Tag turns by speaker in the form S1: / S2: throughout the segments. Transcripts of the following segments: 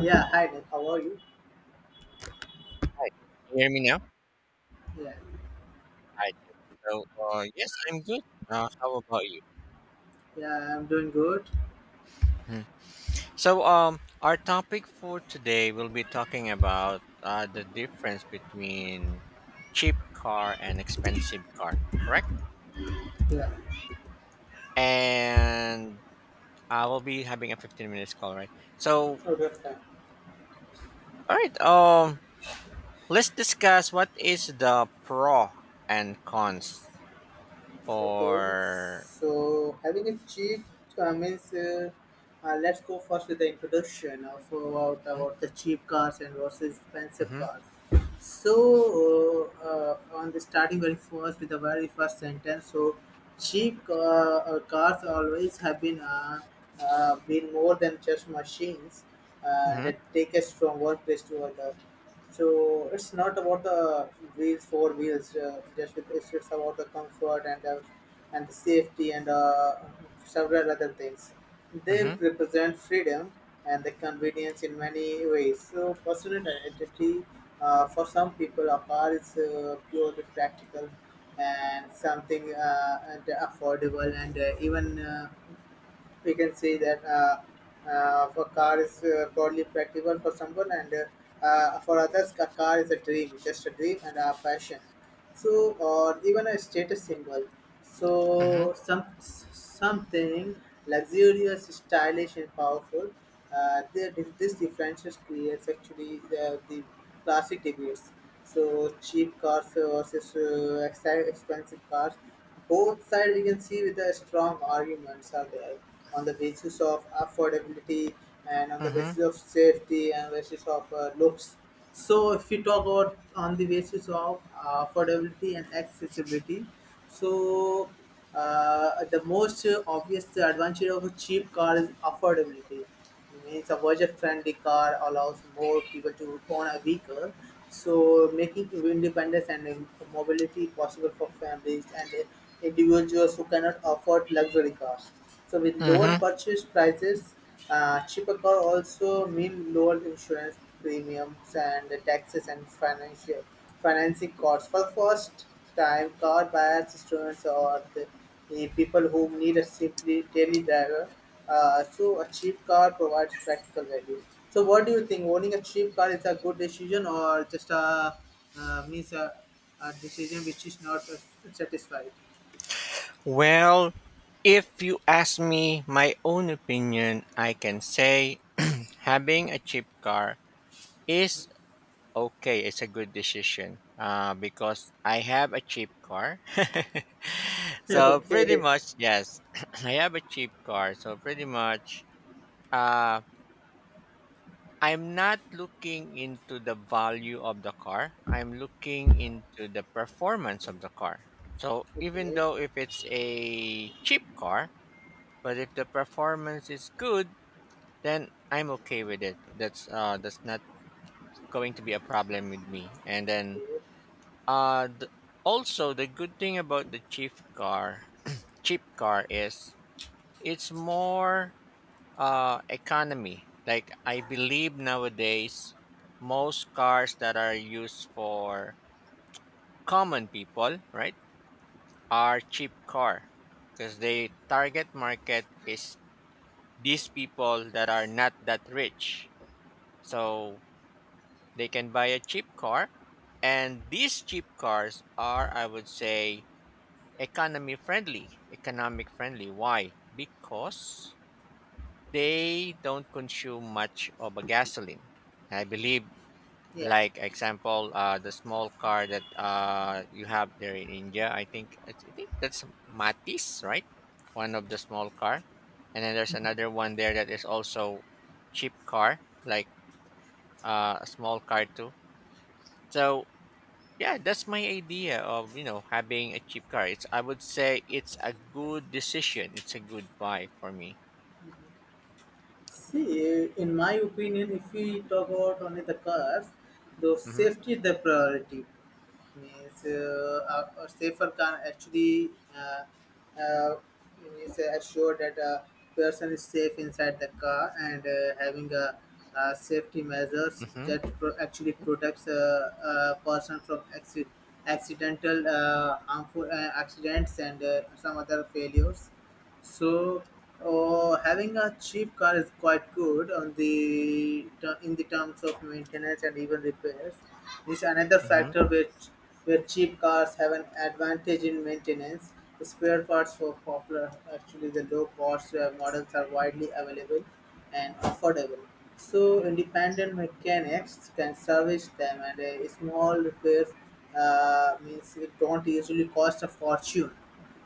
S1: Yeah, hi Nick, how are you?
S2: Hi, can you hear me now?
S1: Yeah,
S2: Hi, good. So, yes, I'm good. How about you?
S1: yeah, I'm doing good.
S2: Hmm. Our topic for today will be talking about the difference between cheap car and expensive car, correct?
S1: Yeah,
S2: And I will be having a 15 minutes call, right? So,
S1: okay, fine.
S2: all right. Let's discuss what is the pro and cons
S1: Okay,
S2: for.
S1: so having a cheap means let's go first with the introduction of
S2: Hmm,
S1: about the cheap cars and versus expensive
S2: Mm-hmm.
S1: cars. So on the starting very first with the very first sentence, so cheap cars always have been more than just machines
S2: Mm-hmm.
S1: that take us from one place to another. So it's not about the four wheels. Just because it's just about the comfort and the safety and several other things. They represent freedom and the convenience in many ways. So personal identity, for some people, a car is purely practical and something and affordable and even. We can say that for car is broadly practical for someone, and for others a car is a dream and a passion, so or even a status symbol,
S2: Mm-hmm.
S1: so something luxurious, stylish and powerful. This differentials creates actually the classic debates, so cheap cars versus expensive cars. Both sides we can see with the strong arguments are there, on the basis of affordability and on the
S2: Mm-hmm. Mm-hmm.
S1: basis of safety and basis of looks. So if we talk about on the basis of affordability and accessibility, so the most obvious advantage of a cheap car is affordability. Means a budget-friendly car allows more people to own a vehicle, so making independence and mobility possible for families and individuals who cannot afford luxury cars. So with lower
S2: Mm-hmm.
S1: purchase prices, cheaper car also mean lower insurance premiums and taxes and financial financing costs for first time car buyers, students, or the people who need a simply daily driver. So a cheap car provides practical value. So what do you think, owning a cheap car is a good decision or just a, means a decision which is not satisfied?
S2: Well, if you ask me my own opinion, I can say having a cheap car is okay. It's a good decision because I have a cheap car. So, pretty
S1: Okay.
S2: much, yes, I have a cheap car. So, pretty much, uh, I'm not looking into the value of the car, I'm looking into the performance of the car. So, even
S1: Okay.
S2: though if it's a cheap car, but if the performance is good, then I'm okay with it. That's not going to be a problem with me. And then
S1: Okay.
S2: uh th- also the good thing about the cheap car is it's more economy. Like I believe nowadays most cars that are used for common people, right, are cheap car, because the target market is these people that are not that rich. So they can buy a cheap car, and these cheap cars are, I would say, economy friendly. Economic friendly. Why? Because they don't consume much of a gasoline. I believe,
S1: Yeah.
S2: like example, the small car that you have there in India. I think that's Matis, right? One of the small car, and then there's
S1: Mhm.
S2: another one there that is also cheap car, like a small car too. So yeah, that's my idea of, you know, having a cheap car. It's I would say it's a good decision. It's a good buy for me.
S1: See, in my opinion, if we talk about only the cars, the
S2: Mhm.
S1: safety is the priority. Means a safer can actually uh, uh, means assure that a person is safe inside the car and having safety measures
S2: Mhm.
S1: that actually protects a person from accidental harmful accidents and some other failures. So having a cheap car is quite good on the in the terms of maintenance, and even repairs is another
S2: Mhm.
S1: factor where cheap cars have an advantage in maintenance. Spare parts for popular, actually the low cost models are widely available and affordable. So independent mechanics can service them, and small repairs, means it don't usually cost a fortune.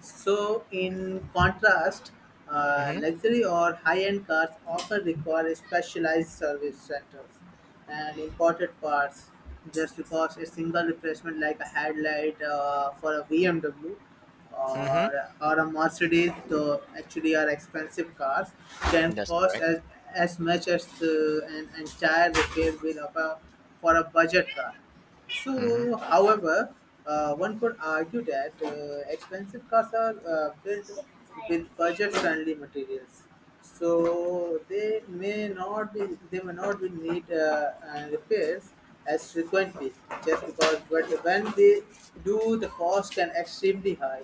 S1: So, in contrast,
S2: Mhm.
S1: luxury or high-end cars often require specialized service centers and imported parts, just because a single replacement like a headlight for a BMW
S2: Mhm.
S1: or a Mercedes, though actually are expensive cars, can
S2: That's
S1: cost
S2: correct.
S1: as much as an entire repair bill of for a budget car.
S2: Mhm.
S1: So, however, one could argue that expensive cars are built with budget-friendly materials, so they may not be need repairs as frequently, just because, but when they do the cost can extremely high.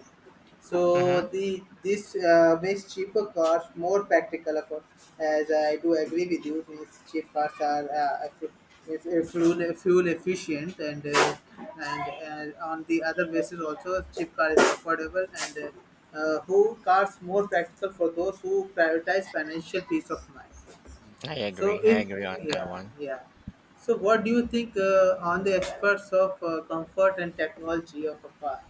S1: So
S2: Mhm.
S1: the this makes cheaper cars more practical, of course. As I do agree with you, means cheap cars are effi- if fuel fuel efficient and on the other basis also cheap car is affordable and who cars more practical for those who prioritize financial peace of mind.
S2: I agree.
S1: So
S2: I
S1: if,
S2: agree on that
S1: yeah,
S2: one.
S1: yeah, so what do you think on the experts of comfort and technology of a car?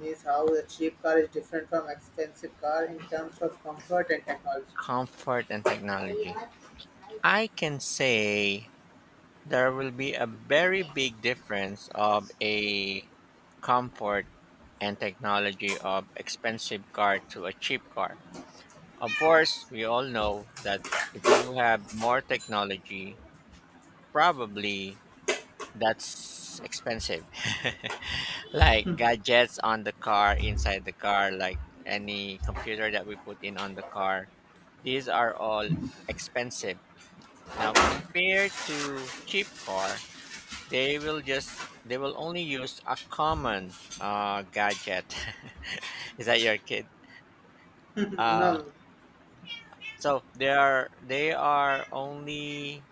S1: Means how a cheap car is different from expensive car in terms of comfort and technology.
S2: Comfort and technology. I can say there will be a very big difference of a comfort and technology of expensive car to a cheap car. Of course, we all know that if you have more technology, probably that's expensive. Like gadgets on the car, inside the car, like any computer that we put in on the car, these are all expensive. Now, compared to cheap car, they will only use a common gadget. Is that your kid? Uh,
S1: No.
S2: so they are only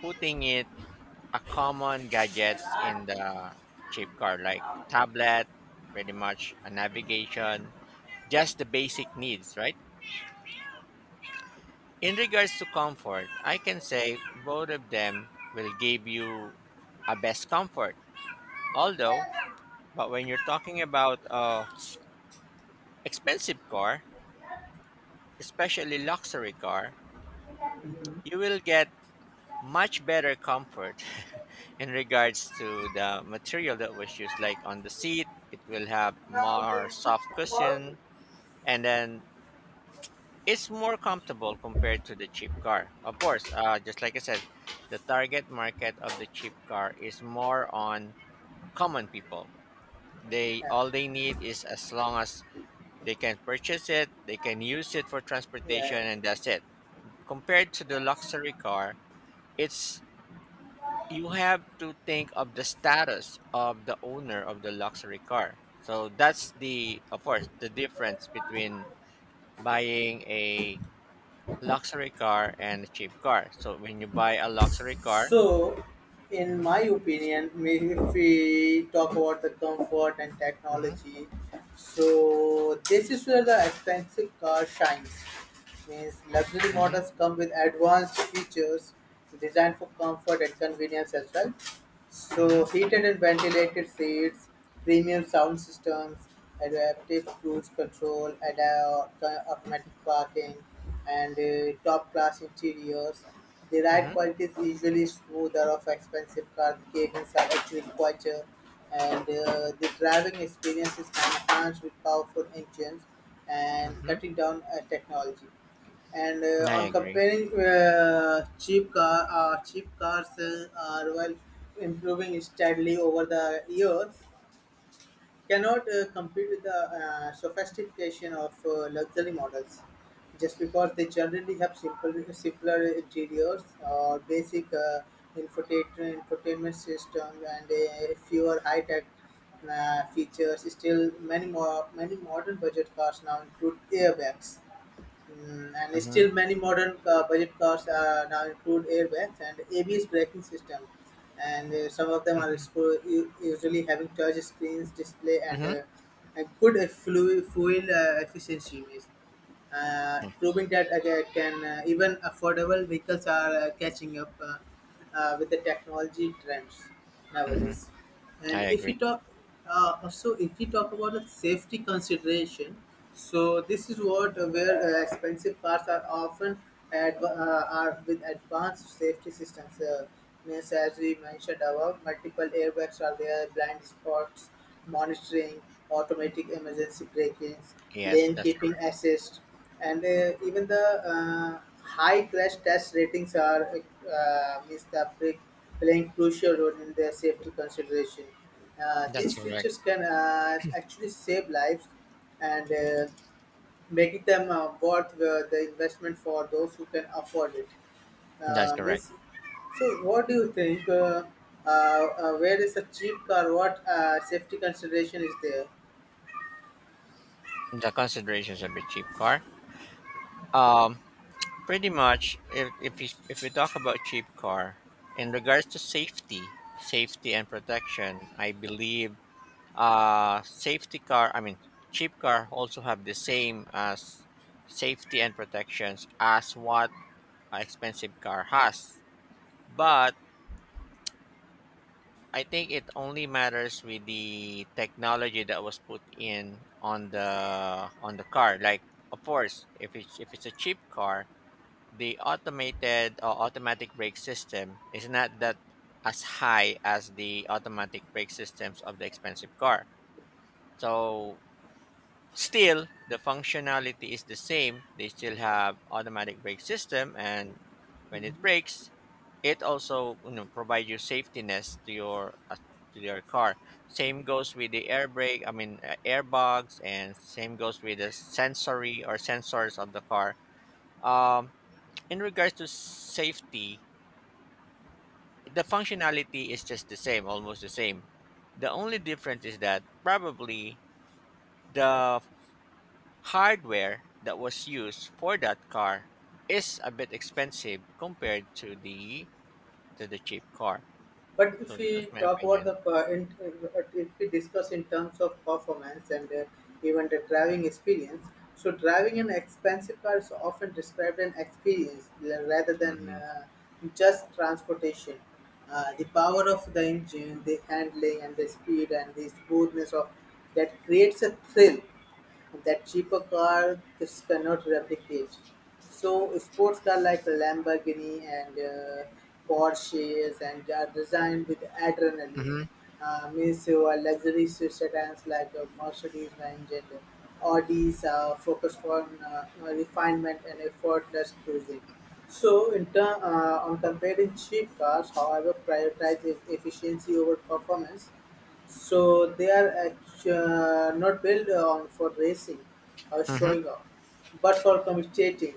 S2: putting it a common gadgets in the cheap car, like tablet, pretty much a navigation, just the basic needs, right. In regards to comfort, I can say both of them will give you a best comfort, although, but when you're talking about a expensive car, especially luxury car, you will get much better comfort in regards to the material that was used, like on the seat it will have more soft cushion, and then it's more comfortable compared to the cheap car, of course. Just like I said, the target market of the cheap car is more on common people. they
S1: yeah,
S2: all they need is as long as they can purchase it, they can use it for transportation,
S1: yeah,
S2: and that's it. Compared to the
S1: yeah.
S2: luxury car, it's, you have to think of the status of the owner of the luxury car. So that's, the, of course, the difference between buying a luxury car and a cheap car. So when you buy a luxury car,
S1: So, in
S2: hmm.
S1: my opinion, maybe if we talk about the comfort and
S2: Hmm.
S1: technology, so this is where the expensive car shines. Means luxury
S2: Hmm.
S1: models come with advanced features designed for comfort and convenience as well.
S2: Hmm.
S1: So, heated and ventilated seats, premium sound systems, adaptive cruise control, automatic parking, and top class interiors. The ride
S2: Hmm.
S1: quality is usually smoother of expensive cars, cabins are actually quieter, and the driving experience is enhanced with powerful engines and
S2: Hmm.
S1: cutting down technology. And
S2: I
S1: on
S2: agree.
S1: comparing cheap cars are well improving steadily over the years, cannot compete with the sophistication of luxury models, just because they generally have simpler interiors or basic infotainment system and fewer high-tech features. Still, many modern budget cars now include airbags. Mm, and
S2: Hmm.
S1: still, many modern budget cars now include airbags and ABS braking system, and some of them are usually having touch screens, display, and
S2: Hmm.
S1: good fuel efficiency, proving that again can even affordable vehicles are catching up with the technology trends
S2: Hmm.
S1: nowadays. And
S2: I
S1: if
S2: agree.
S1: you talk, also if you talk about the safety consideration, so this is what where expensive cars are often are with advanced safety systems. Means as we mentioned above, multiple airbags are there, blind spots monitoring, automatic emergency braking,
S2: Yes,
S1: lane
S2: that's
S1: keeping
S2: correct.
S1: assist, and even the high crash test ratings are, means the playing crucial role in their safety consideration.
S2: That's
S1: These
S2: correct.
S1: features can actually save lives and making them worth the investment for those who can afford it.
S2: That's
S1: Uh,
S2: correct.
S1: miss, so what do you think? Where is a cheap car? What safety consideration is there?
S2: The considerations of a cheap car. Um, Pretty much, if we talk about cheap car, in regards to safety, safety and protection, I believe safety car. I mean, cheap car also have the same as safety and protections as what a expensive car has. But I think it only matters with the technology that was put in on the car. Like, of course, if it's a cheap car, the automated or automatic brake system is not that as high as the automatic brake systems of the expensive car. So still the functionality is the same. They still have automatic brake system, and when it brakes, it also, you know, provide you safetiness to your car. Same goes with the air brake, I mean airbags, and same goes with the sensory or sensors of the car. Um in regards to safety, the functionality is just the same, almost the same. The only difference is that probably the hardware that was used for that car is a bit expensive compared to the cheap car.
S1: But if
S2: So
S1: we
S2: that's my
S1: talk about
S2: opinion.
S1: the if we discuss in terms of performance and even the driving experience, so driving an expensive car is often described an experience, rather than
S2: Mm-hmm.
S1: just transportation. The power of the engine, the handling, and the speed and the smoothness of that creates a thrill that cheaper car just cannot replicate. So sports cars like Lamborghini and Porsches and are designed with adrenaline.
S2: Mm-hmm.
S1: Means your luxury sedans like Mercedes-Benz and Audis are focused on refinement and effortless cruising. So, in turn, on comparing cheap cars, however, prioritize efficiency over performance, so they are actu not built on for racing or
S2: Mm-hmm.
S1: showing off, but for communicating,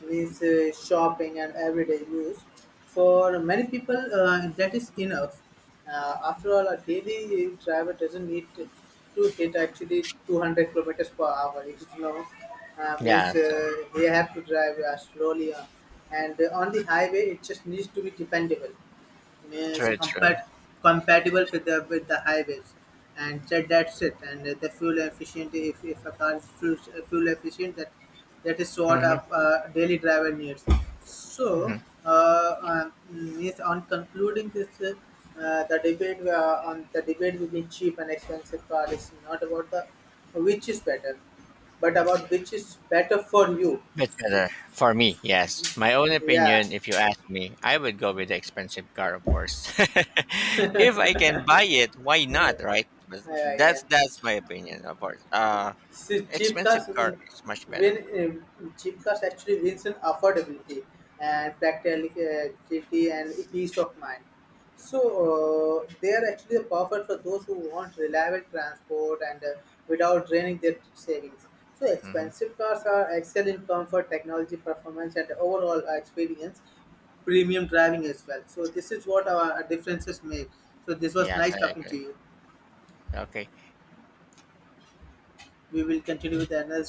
S1: means shopping and everyday use. For many people, that is enough. After all, a daily driver doesn't to hit actually 200 kilometers per hour. You know, means
S2: Yes, that's
S1: they have to drive slowly, and on the highway, it just needs to be dependable, is
S2: true, true.
S1: compatible with the highways, and that's it. And the fuel efficient, if a car is fuel efficient, that that is what a
S2: Mm-hmm.
S1: daily driver needs. So uh, um, means on concluding this, the debate on the debate between cheap and expensive car is not about the which is better but about which is better for you.
S2: Much better. For me, yes. My own
S1: Yeah.
S2: opinion, if you ask me, I would go with the expensive car, of course. If I can buy it, why
S1: Uh,
S2: not, right? But
S1: yeah yeah
S2: that's my opinion, of course.
S1: See, cheap
S2: Expensive
S1: cars
S2: car is much better.
S1: win. Cheap cars actually wins in affordability and practicality and peace of mind. So they are actually perfect for those who want reliable transport and without draining their savings. So
S2: Hmm.
S1: expensive cars are excel in comfort, technology, performance, and overall experience. Premium driving as well. So this is what our differences make. So this was
S2: Yes,
S1: nice
S2: I
S1: talking to
S2: agree.
S1: you.
S2: Okay.
S1: We will continue with another